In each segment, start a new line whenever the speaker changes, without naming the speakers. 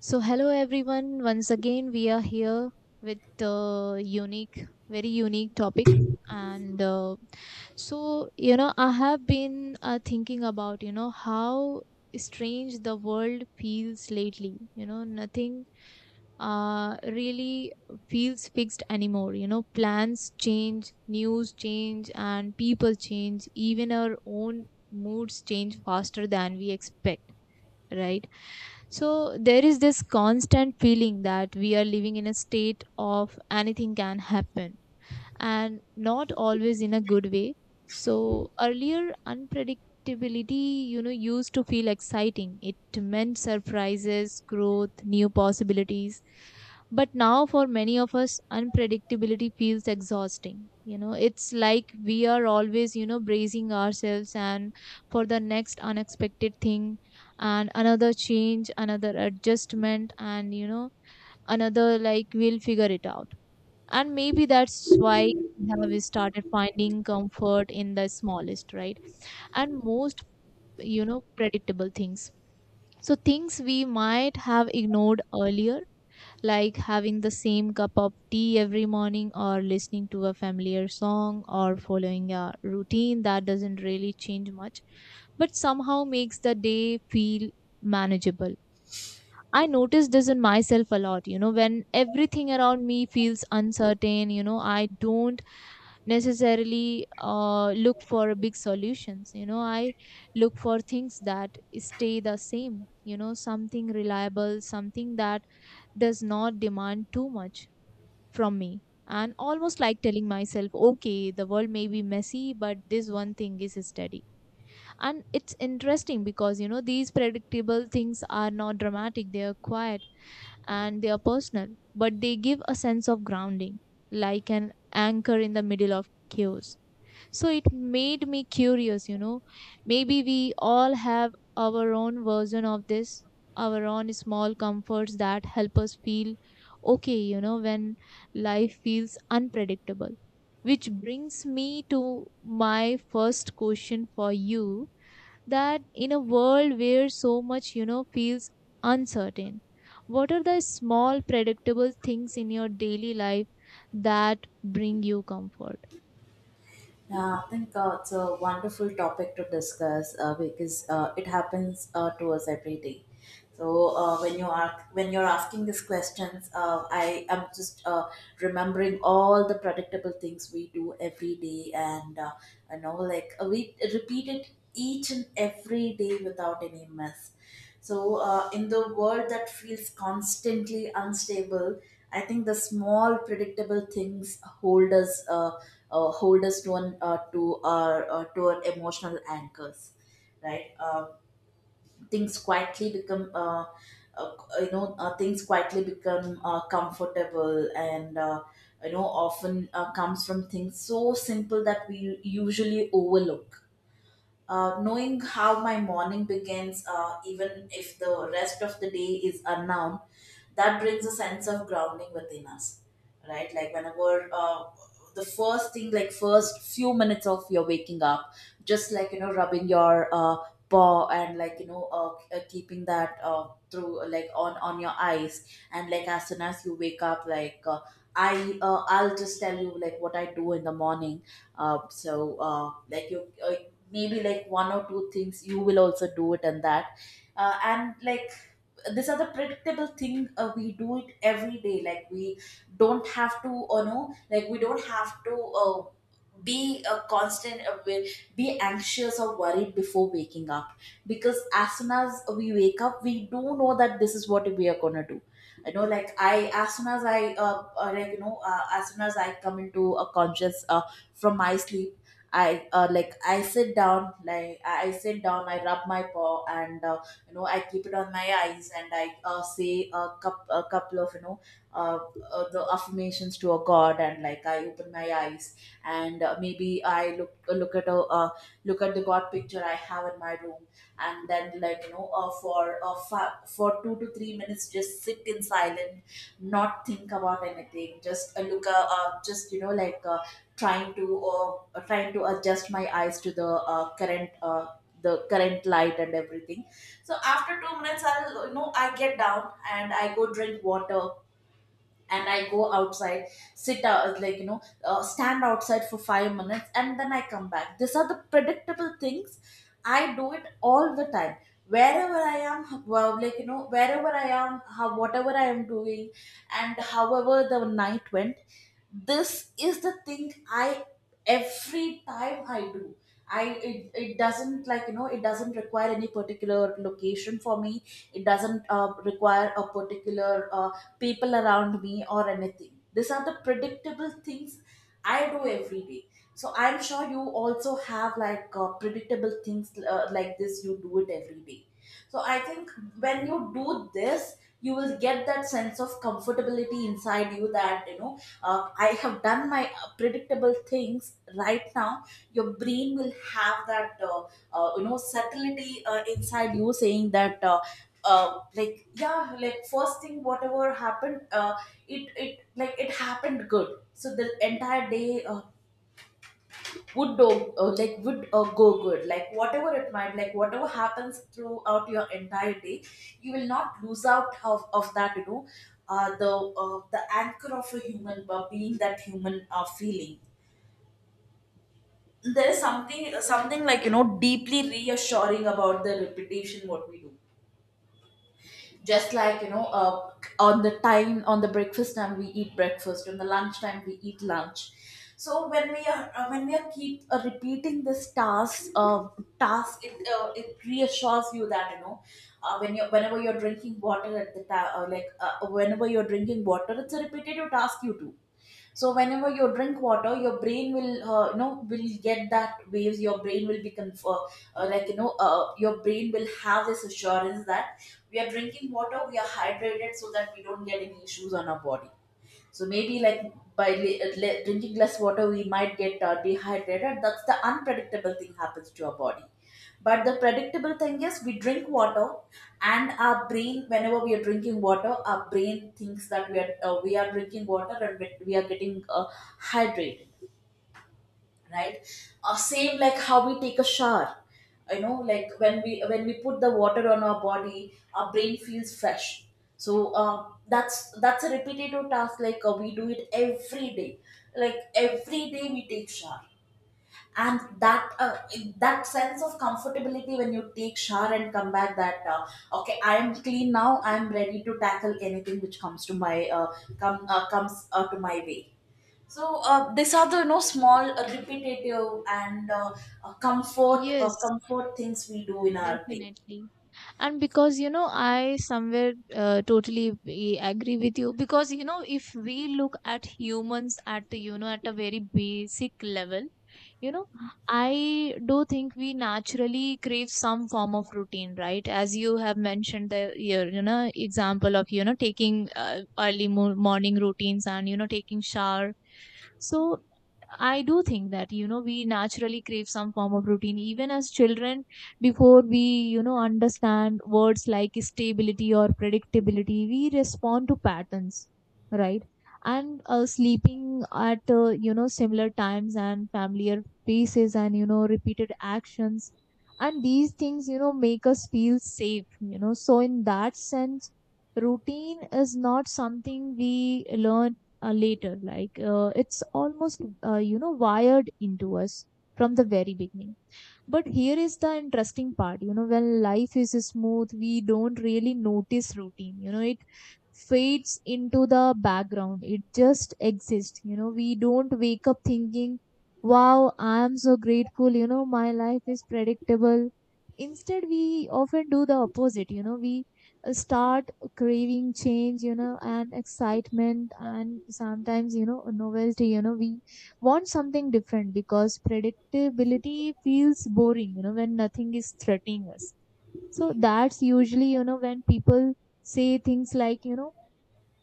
So, hello everyone. Once again, we are here with a unique, very unique topic. And uh, you know, I have been thinking about, you know, how strange the world feels lately. You know, nothing really feels fixed anymore. You know, plans change, news change, and people change. Even our own moods change faster than we expect, right? So there is this constant feeling that we are living in a state of anything can happen, and not always in a good way. So earlier unpredictability, you know, used to feel exciting. It meant surprises, growth, new possibilities. But now for many of us, unpredictability feels exhausting. You know, it's like we are always, you know, bracing ourselves and for the next unexpected thing, and another change, another adjustment and you know, another like we'll figure it out. And maybe that's why we have started finding comfort in the smallest, right, and most, you know, predictable things. So things we might have ignored earlier, like having the same cup of tea every morning or listening to a familiar song or following a routine that doesn't really change much but somehow makes the day feel manageable. I notice this in myself a lot, you know, when everything around me feels uncertain, you know, I don't necessarily look for big solutions. You know, I look for things that stay the same, you know, something reliable, something that does not demand too much from me. And almost like telling myself, okay, the world may be messy, but this one thing is steady. And it's interesting because, you know, these predictable things are not dramatic, they are quiet and they are personal, but they give a sense of grounding, like an anchor in the middle of chaos. So it made me curious, you know. Maybe we all have our own version of this, our own small comforts that help us feel okay, you know, when life feels unpredictable. Which brings me to my first question for you, that in a world where so much, you know, feels uncertain, what are the small predictable things in your daily life that bring you comfort?
Yeah, I think it's a wonderful topic to discuss because it happens to us every day. So when you're asking these questions, I am just remembering all the predictable things we do every day, and we repeat it each and every day without any miss. So, in the world that feels constantly unstable, I think the small predictable things hold hold us to an to our emotional anchors, right? Things quietly become, uh, you know, Things quietly become comfortable, and often comes from things so simple that we usually overlook knowing how my morning begins, even if the rest of the day is unknown, that brings a sense of grounding within us, right? Like whenever the first thing, like first few minutes of your waking up, just like you know, rubbing your paw and like you know, keeping that through like on your eyes, and like as soon as you wake up, I'll just tell you like what I do in the morning. Like you maybe like one or two things you will also do it and that and like these are the predictable thing we do it every day like we don't have to you know, like we don't have to be a be anxious or worried before waking up because as soon as we wake up we do know that this is what we are going to do you know like I as soon as I like you know as soon as I come into a conscious from my sleep I like I sit down, I rub my paw and you know I keep it on my eyes and I say a couple of uh, the affirmations to a god, and like I open my eyes and maybe I look at a look at the god picture I have in my room, and then like for for 2 to 3 minutes just sit in silence, not think about anything, just look just you know like trying to uh, trying to adjust my eyes to the current the current light and everything. So after 2 minutes, I'll you know I get down and I go drink water and I go outside, sit out, stand outside for 5 minutes and then I come back. These are the predictable things. I do it all the time. Wherever I am, well, like, you know, wherever I am, how, whatever I am doing, and however the night went, this is the thing I, every time I do. It doesn't like you know it doesn't require any particular location for me. It doesn't require a particular people around me or anything. These are the predictable things I do every day. So I'm sure you also have like predictable things like this. You do it every day. So I think when you do this, you will get that sense of comfortability inside you that you know I have done my predictable things right now. Your brain will have that you know subtlety inside you saying that like yeah, like first thing whatever happened, it like it happened good, so the entire day would do like would go good, like whatever it might, like whatever happens throughout your entire day you will not lose out of that you know uh, the the anchor of a human being, that human feeling. There is something like you know deeply reassuring about the repetition what we do, just like on the time, on the breakfast time we eat breakfast, on the lunch time we eat lunch. So when we are keep repeating this task, it reassures you that you know whenever you're drinking water at the ta- like whenever you're drinking water, it's a repetitive task you do. So whenever you drink water your brain will you know will get that waves, your brain will be your brain will have this assurance that we are drinking water, we are hydrated, so that we don't get any issues on our body. So maybe like by drinking less water, we might get dehydrated. That's the unpredictable thing happens to our body. But the predictable thing is we drink water, and our brain, whenever we are drinking water, our brain thinks that we are drinking water and we are getting hydrated, right? Same like how we take a shower. You know, like when we put the water on our body, our brain feels fresh. So that's a repetitive task, like we do it every day. Like every day we take shower, and that sense of comfortability when you take shower and come back, that okay, I am clean now, I am ready to tackle anything which comes to my comes to my way. So these are the you know small repetitive and comfort
Yes,
comfort things we do in our day.
definitely. And because, you know, I somewhere totally agree with you. Because, you know, if we look at humans at, the, you know, at a very basic level, you know, I do think we naturally crave some form of routine, right? As you have mentioned the, your, you know, example of, you know, taking early mo morning routines and, you know, taking shower. So I do think that, you know, we naturally crave some form of routine, even as children, before we, you know, understand words like stability or predictability, we respond to patterns, right? And sleeping at, you know, similar times and familiar faces and, you know, repeated actions. And these things, you know, make us feel safe, you know. So, in that sense, routine is not something we learn later. It's almost, you know, wired into us from the very beginning. But here is the interesting part. You know, when life is smooth, we don't really notice routine. You know, it fades into the background. It just exists. You know, we don't wake up thinking, wow, I am so grateful. You know, my life is predictable. Instead, we often do the opposite. You know, we start craving change, you know, and excitement, and sometimes, you know, novelty. You know, we want something different because predictability feels boring, you know, when nothing is threatening us. So that's usually, you know, when people say things like, you know,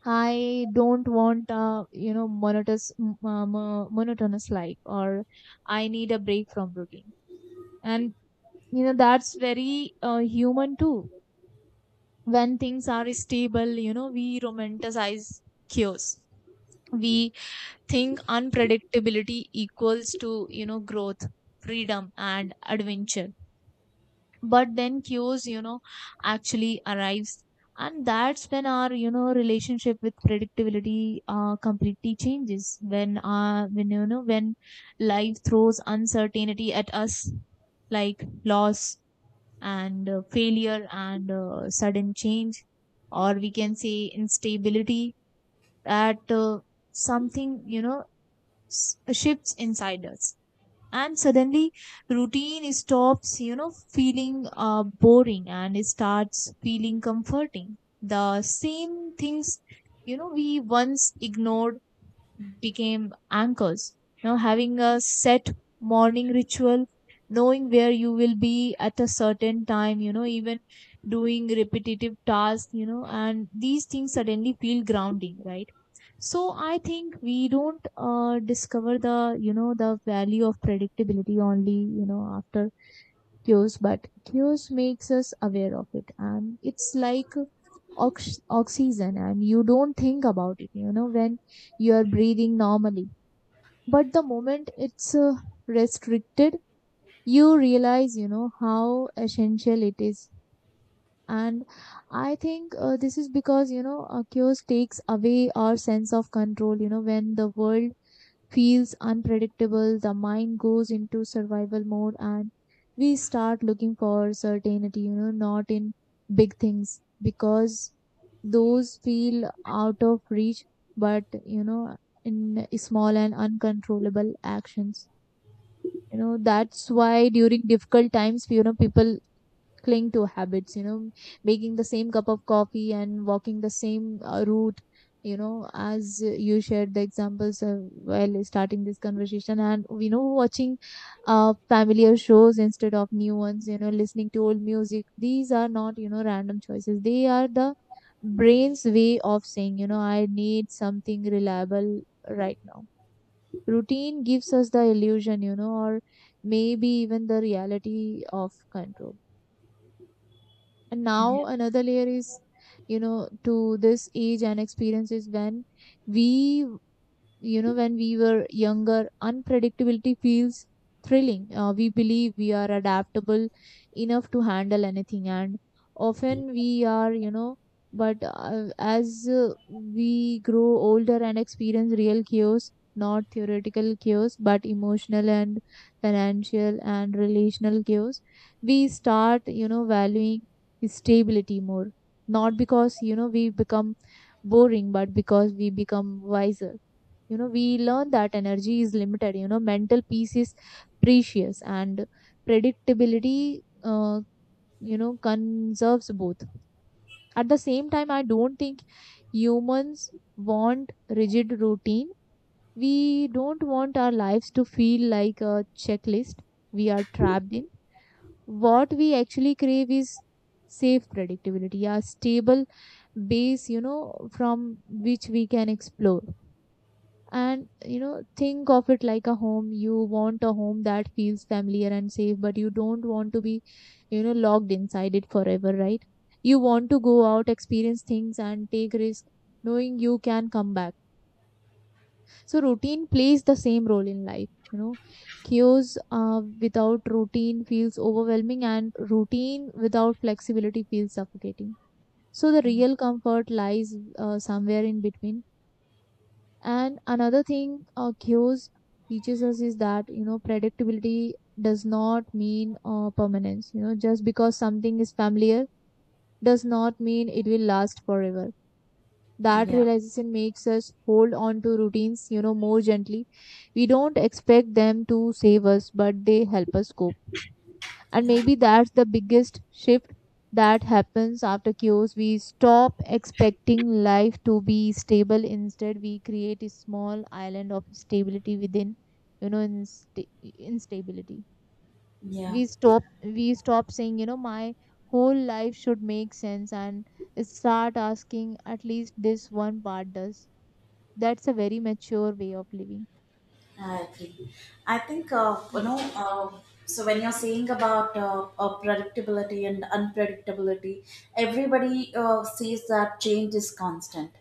I don't want a, you know, monotonous life, or I need a break from routine. And you know that's very human too. When things are stable, you know, we romanticize chaos. We think unpredictability equals to, you know, growth, freedom, and adventure, but then cues, you know, actually arrives, and that's when our, you know, relationship with predictability completely changes. When you know, when life throws uncertainty at us, like loss and failure and sudden change, or we can say instability, that something, you know, shifts inside us. And suddenly routine stops, you know, feeling boring, and it starts feeling comforting. The same things, you know, we once ignored became anchors. Now having a set morning ritual, knowing where you will be at a certain time, you know, even doing repetitive tasks, you know, and these things suddenly feel grounding, right? So I think we don't discover the, you know, the value of predictability only, you know, after chaos, but chaos makes us aware of it. And it's like oxygen, and you don't think about it, you know, when you are breathing normally. But the moment it's restricted, you realize, you know, how essential it is. And I think this is because, you know, chaos takes away our sense of control. You know, when the world feels unpredictable, the mind goes into survival mode and we start looking for certainty, you know, not in big things because those feel out of reach, but you know, in small and uncontrollable actions. You know, that's why during difficult times, you know, people cling to habits, you know, making the same cup of coffee and walking the same route, you know, as you shared the examples of while starting this conversation. And we know watching familiar shows instead of new ones, you know, listening to old music. These are not, you know, random choices. They are the brain's way of saying, you know, I need something reliable right now. Routine gives us the illusion, you know, or maybe even the reality of control. And
Yeah.
now another layer is, you know, to this age and experience, is when we, you know, when we were younger, unpredictability feels thrilling. We believe we are adaptable enough to handle anything, and often we are, you know. But as we grow older and experience real chaos, not theoretical chaos but emotional and financial and relational chaos, we start, you know, valuing stability more. Not because, you know, we become boring, but because we become wiser. You know, we learn that energy is limited, you know, mental peace is precious, and predictability, you know, conserves both. At the same time, I don't think humans want rigid routine. We don't want our lives to feel like a checklist we are trapped in. What we actually crave is safe predictability, a stable base, you know, from which we can explore. And, you know, think of it like a home. You want a home that feels familiar and safe, but you don't want to be, you know, locked inside it forever, right? You want to go out, experience things and take risk, knowing you can come back. So routine plays the same role in life, you know. Chaos without routine feels overwhelming, and routine without flexibility feels suffocating. So the real comfort lies somewhere in between. And another thing cues teaches us is that, you know, predictability does not mean permanence. You know, just because something is familiar does not mean it will last forever. That
Yeah.
realization makes us hold on to routines, you know, more gently. We don't expect them to save us, but they help us cope. And
Yeah,
maybe that's the biggest shift that happens after chaos. We stop expecting life to be stable. Instead, we create a small island of stability within, you know, instability.
yeah,
We stop saying, you know, my whole life should make sense, and start asking, at least this one part does. That's a very mature way of living.
I agree. I think
Yes,
So when you're saying about predictability and unpredictability, everybody says that change is constant.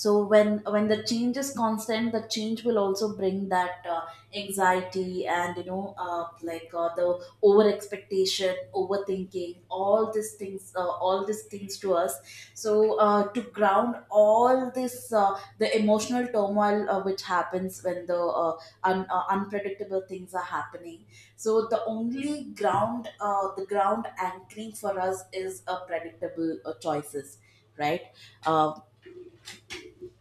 So when the change is constant, the change will also bring that anxiety and you know the over expectation, overthinking all these things, all these things to us. So to ground all this the emotional turmoil which happens when the unpredictable things are happening. So the only ground the ground anchoring for us is a predictable choices, right? Uh,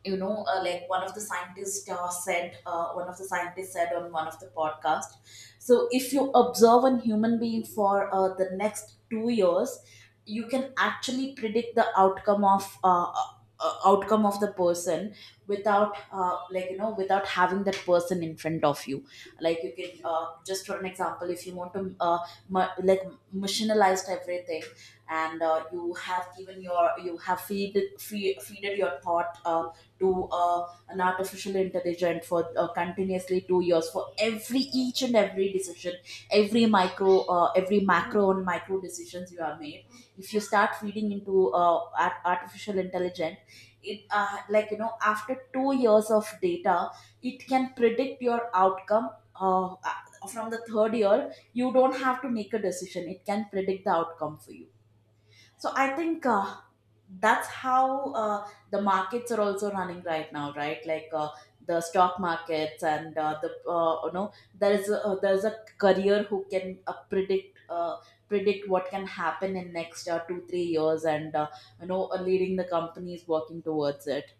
like one of the scientists said one of the scientists said on one of the podcast, so if you observe a human being for the next 2 years, you can actually predict the outcome of the person without like you know without having that person in front of you. Like you can just for an example, if you want to ma- like machinalized everything, and you have feeded your thought to an artificial intelligence for continuously 2 years, for every each and every decision, every micro every macro and micro decisions you have made. If you start feeding into artificial intelligence, it like you know after 2 years of data it can predict your outcome. From the third year you don't have to make a decision, it can predict the outcome for you. So I think that's how the markets are also running right now, right? Like the stock markets and there is there is a career who can predict what can happen in next 2 3 years, and leading the companies working towards it.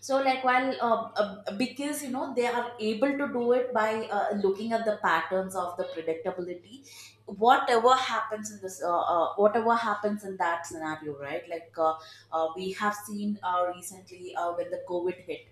So like while because you know they are able to do it by looking at the patterns of the predictability, whatever happens in this whatever happens in that scenario, right? Like we have seen recently when the COVID hit.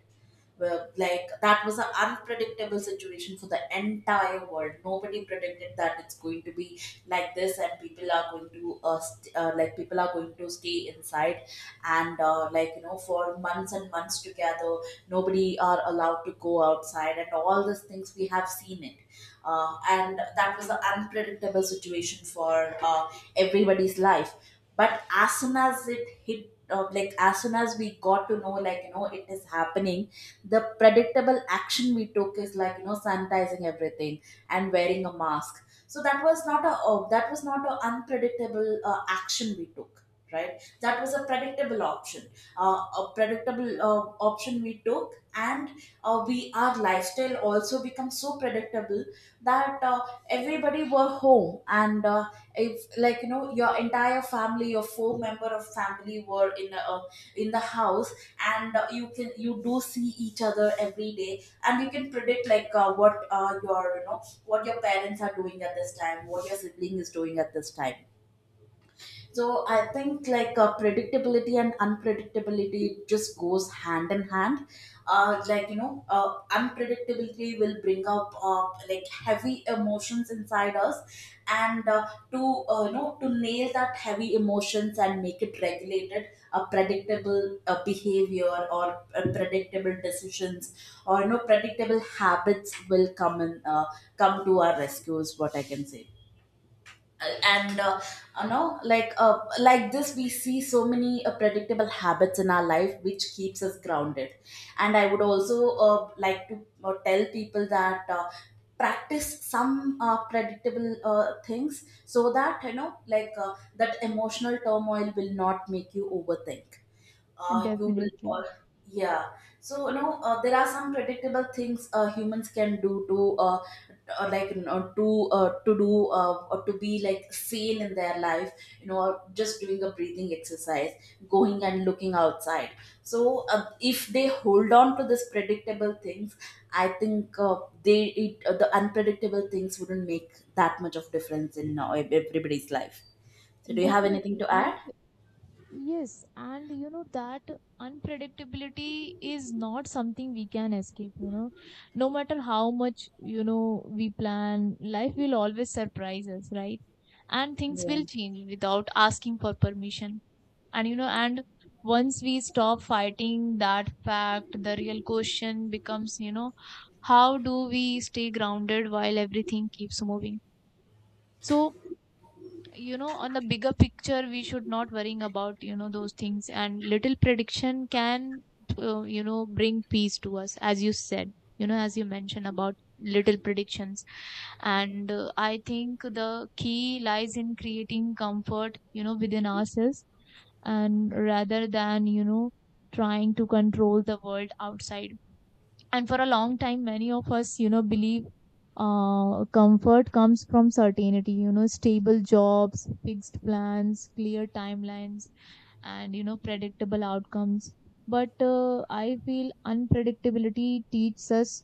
Well, like that was an unpredictable situation for the entire world. Nobody predicted that it's going to be like this, and people are going to people are going to stay inside, and like you know for months and months together, nobody are allowed to go outside, and all these things we have seen it. And that was an unpredictable situation for everybody's life. But as soon as it hit, like as soon as we got to know, like you know, it is happening, the predictable action we took is like you know sanitizing everything and wearing a mask. So that was not a that was not an unpredictable action we took, right? That was a predictable option. A predictable option we took. And we, our lifestyle also becomes so predictable that everybody were home. And if like you know your entire family, your four member of family were in a, in the house, and you do see each other every day, and you can predict like what your, you know what your parents are doing at this time, what your sibling is doing at this time. So I think like predictability and unpredictability just goes hand in hand. Like you know, unpredictability will bring up like heavy emotions inside us, and to you know, to nail that heavy emotions and make it regulated, a predictable behavior or predictable decisions or you know predictable habits will come in come to our rescues, what I can say. And you know like this we see so many predictable habits in our life which keeps us grounded. And I would also like to tell people that, practice some predictable things, so that you know like that emotional turmoil will not make you overthink. You will
definitely.
all. Yeah. So you know there are some predictable things humans can do to like you know, to do or to be like sane in their life, you know, or just doing a breathing exercise, going and looking outside. So if they hold on to this predictable things, I think the unpredictable things wouldn't make that much of difference in everybody's life. So do you have anything
Definitely.
to
And
add?
yes, and you know that unpredictability is not something we can escape, you know. No matter how much, you know, we plan, life will always surprise us, right? And things
Yeah.
will change without asking for permission. And you know, and once we stop fighting that fact, the real question becomes, you know, how do we stay grounded while everything keeps moving? So, you know, on the bigger picture we should not worrying about, you know, those things, and little prediction can you know, bring peace to us as you said, you know, as you mentioned about little predictions. And I think the key lies in creating comfort, you know, within ourselves, and rather than, you know, trying to control the world outside. And for a long time many of us, you know, believe comfort comes from certainty, you know, stable jobs, fixed plans, clear timelines, and, you know, predictable outcomes. But I feel unpredictability teaches us,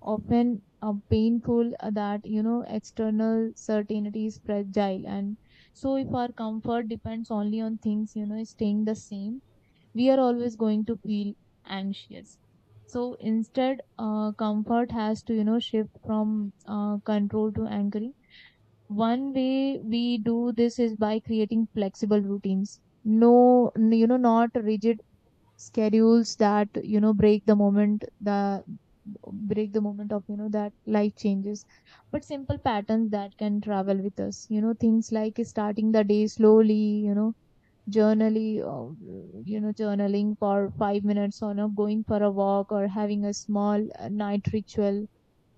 often painful, that, you know, external certainty is fragile. And so if our comfort depends only on things, you know, staying the same, we are always going to feel anxious. So instead comfort has to, you know, shift from control to anchoring. One way we do this is by creating flexible routines, you know, not rigid schedules that, you know, break the moment the moment of, you know, that life changes, but simple patterns that can travel with us, you know, things like starting the day slowly, you know, journally you know, journaling for 5 minutes, or not going for a walk, or having a small night ritual.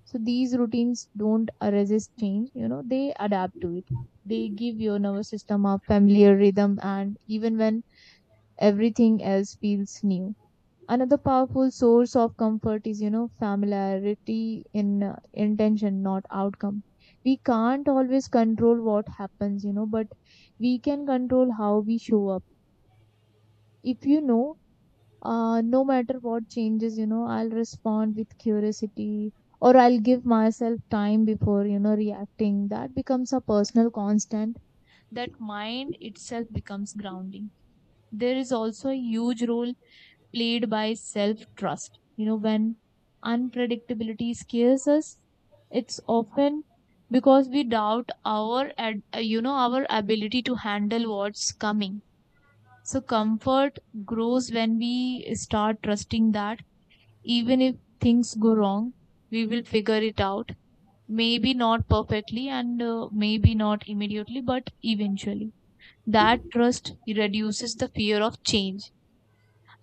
So these routines don't resist change, you know, they adapt to it. They give your nervous system a familiar rhythm, and even when everything else feels new. Another powerful source of comfort is, you know, familiarity in intention, not outcome. We can't always control what happens, you know, but we can control how we show up. If you know, no matter what changes, you know, I'll respond with curiosity, or I'll give myself time before, you know, reacting. That becomes a personal constant. That mind itself becomes grounding. There is also a huge role played by self trust, you know, when unpredictability scares us, it's often because we doubt you know, our ability to handle what's coming. So comfort grows when we start trusting that even if things go wrong, we will figure it out. Maybe not perfectly, and maybe not immediately, but eventually. That trust reduces the fear of change.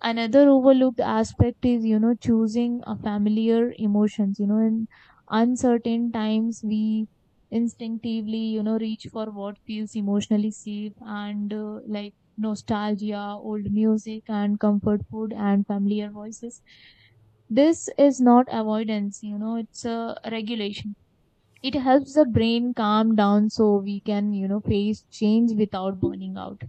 Another overlooked aspect is, you know, choosing a familiar emotions. You know, in uncertain times, we instinctively, you know, reach for what feels emotionally safe, and like nostalgia, old music, and comfort food, and familiar voices. This is not avoidance, you know, it's a regulation. It helps the brain calm down so we can, you know, face change without burning out.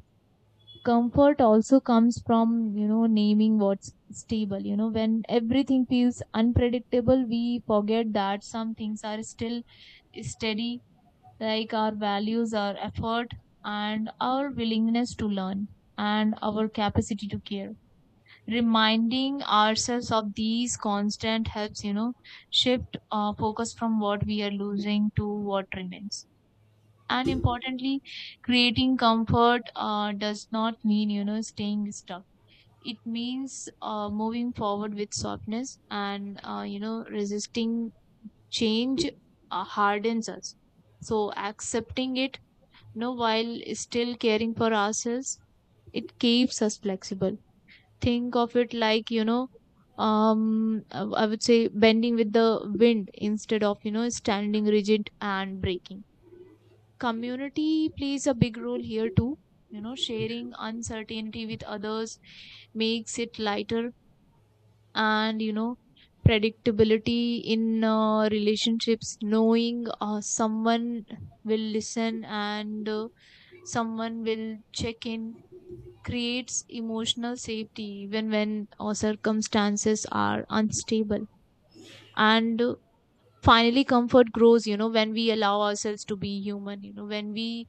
Comfort also comes from, you know, naming what's stable. You know, when everything feels unpredictable, we forget that some things are still steady, like our values, our effort, and our willingness to learn, and our capacity to care. Reminding ourselves of these constant helps, you know, shift our focus from what we are losing to what remains. And importantly, creating comfort does not mean, you know, staying stuck. It means moving forward with softness, and you know, resisting change hardens us. So accepting it, you know, while still caring for ourselves, it keeps us flexible. Think of it like, you know, I would say bending with the wind instead of, you know, standing rigid and breaking. Community plays a big role here too, you know, sharing uncertainty with others makes it lighter. And, you know, predictability in relationships, knowing someone will listen, and someone will check in, creates emotional safety even when circumstances are unstable. And finally, comfort grows, you know, when we allow ourselves to be human, you know, when we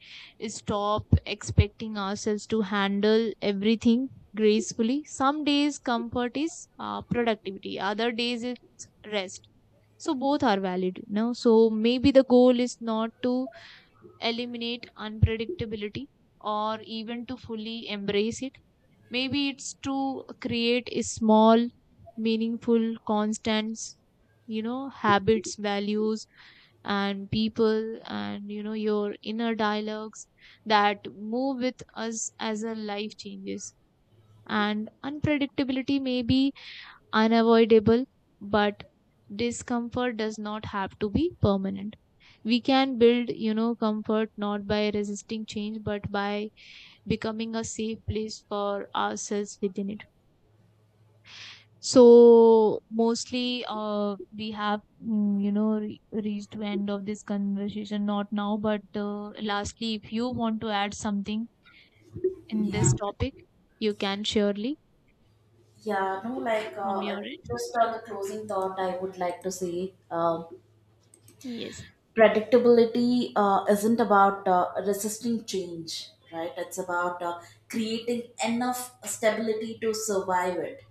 stop expecting ourselves to handle everything gracefully. Some days comfort is productivity, other days it's rest. So both are valid, you know, so maybe the goal is not to eliminate unpredictability, or even to fully embrace it. Maybe it's to create a small, meaningful, constant, you know, habits, values, and people, and, you know, your inner dialogues that move with us as our life changes. And unpredictability may be unavoidable, but discomfort does not have to be permanent. We can build, you know, comfort not by resisting change, but by becoming a safe place for ourselves within it. So mostly, we have, you know, re reached to end of this conversation. Not now, but lastly, if you want to add something in this
Yeah.
topic, you can surely
Yeah, no,
from your end.
just on the closing thought, I would like to say,
Yes.
predictability isn't about resisting change, right? It's about creating enough stability to survive it.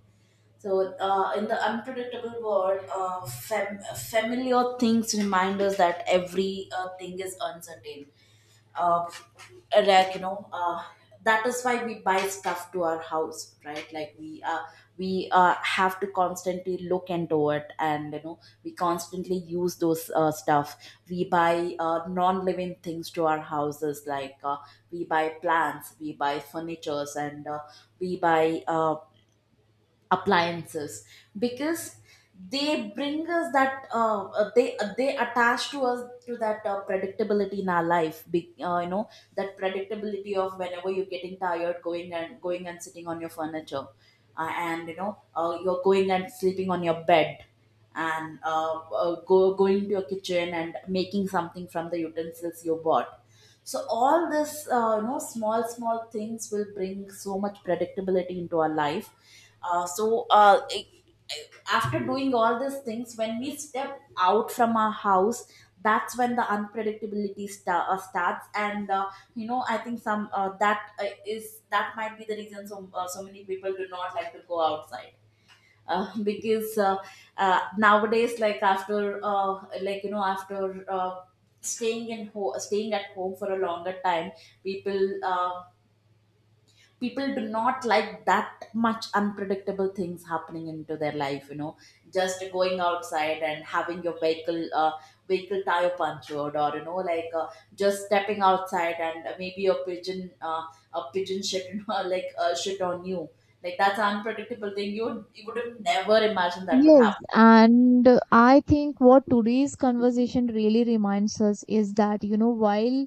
So, in the unpredictable world, familiar things remind us that every thing is uncertain. Uh, like you know, that is why we buy stuff to our house, right? We have to constantly look into it, and you know, we constantly use those stuff. We buy non-living things to our houses, like we buy plants, we buy furnitures, and we buy. Appliances, because they bring us that they attach to us to that predictability in our life. You know, that predictability of whenever you're getting tired, going and going and sitting on your furniture, and you know, you're going and sleeping on your bed, and go going to your kitchen and making something from the utensils you bought. So all this, you know, small small things will bring so much predictability into our life. uh, so uh, it- After doing all these things, when we step out from our house, that's when the unpredictability starts. And you know, I think some that is that might be the reason, so so many people do not like to go outside. Because nowadays, like after, like you know, after staying at home for a longer time, people uh, people do not like that much unpredictable things happening into their life, you know. Just going outside and having your vehicle tire punctured, or you know like just stepping outside and maybe a pigeon shit you know, shit on you. Like that's an unpredictable thing, you would have never imagined that would
Yes,
happen.
and I think what today's conversation really reminds us is that, you know, while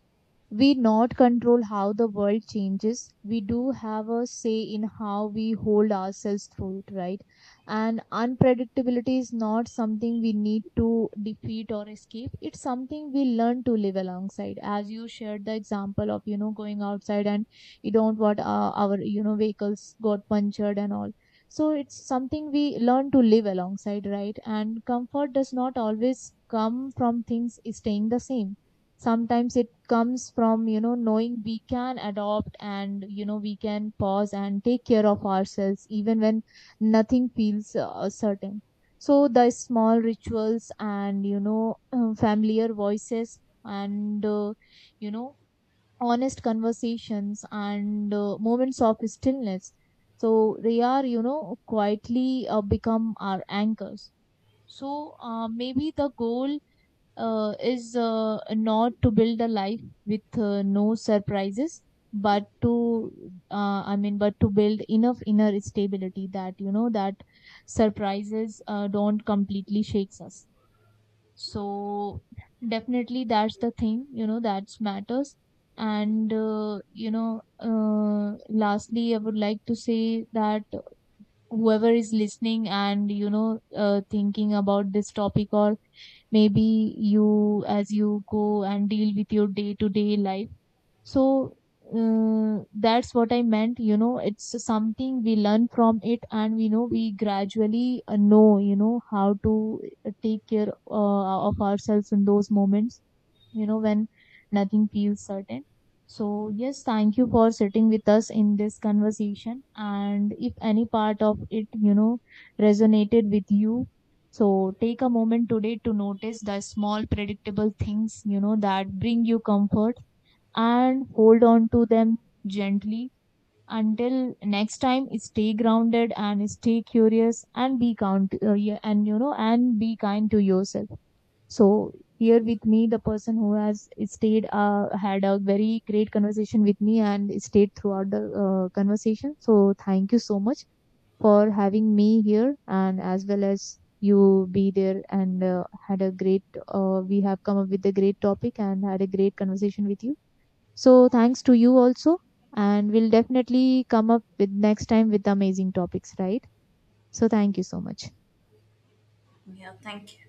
we not control how the world changes, we do have a say in how we hold ourselves through it, right? And unpredictability is not something we need to defeat or escape. It's something we learn to live alongside, as you shared the example of, you know, going outside and you don't want our, you know, vehicles got punctured and all. So it's something we learn to live alongside, right? And comfort does not always come from things staying the same. Sometimes it comes from, you know, knowing we can adopt, and, you know, we can pause and take care of ourselves even when nothing feels certain. So the small rituals, and, you know, familiar voices, and you know, honest conversations, and moments of stillness, so they are, you know, quietly become our anchors. So maybe the goal is not to build a life with no surprises, but to I mean, but to build enough inner stability that, you know, that surprises don't completely shakes us. So definitely that's the thing, you know, that matters. And you know, lastly, I would like to say that whoever is listening and, you know, thinking about this topic, or maybe you, as you go and deal with your day to day life. So that's what I meant, you know, it's something we learn from it, and we know we gradually know, you know, how to take care of ourselves in those moments, you know, when nothing feels certain. So, yes, thank you for sitting with us in this conversation. And if any part of it, you know, resonated with you, so take a moment today to notice the small, predictable things, you know, that bring you comfort, and hold on to them gently. Until next time, stay grounded, and stay curious, and be count yeah, and, you know, and be kind to yourself. So here with me, the person who has stayed had a very great conversation with me, and stayed throughout the conversation. So thank you so much for having me here, and as well as you be there, and had a great we have come up with a great topic and had a great conversation with you. So thanks to you also, and we'll definitely come up with next time with amazing topics, right? So thank you so much.
Yeah, thank you.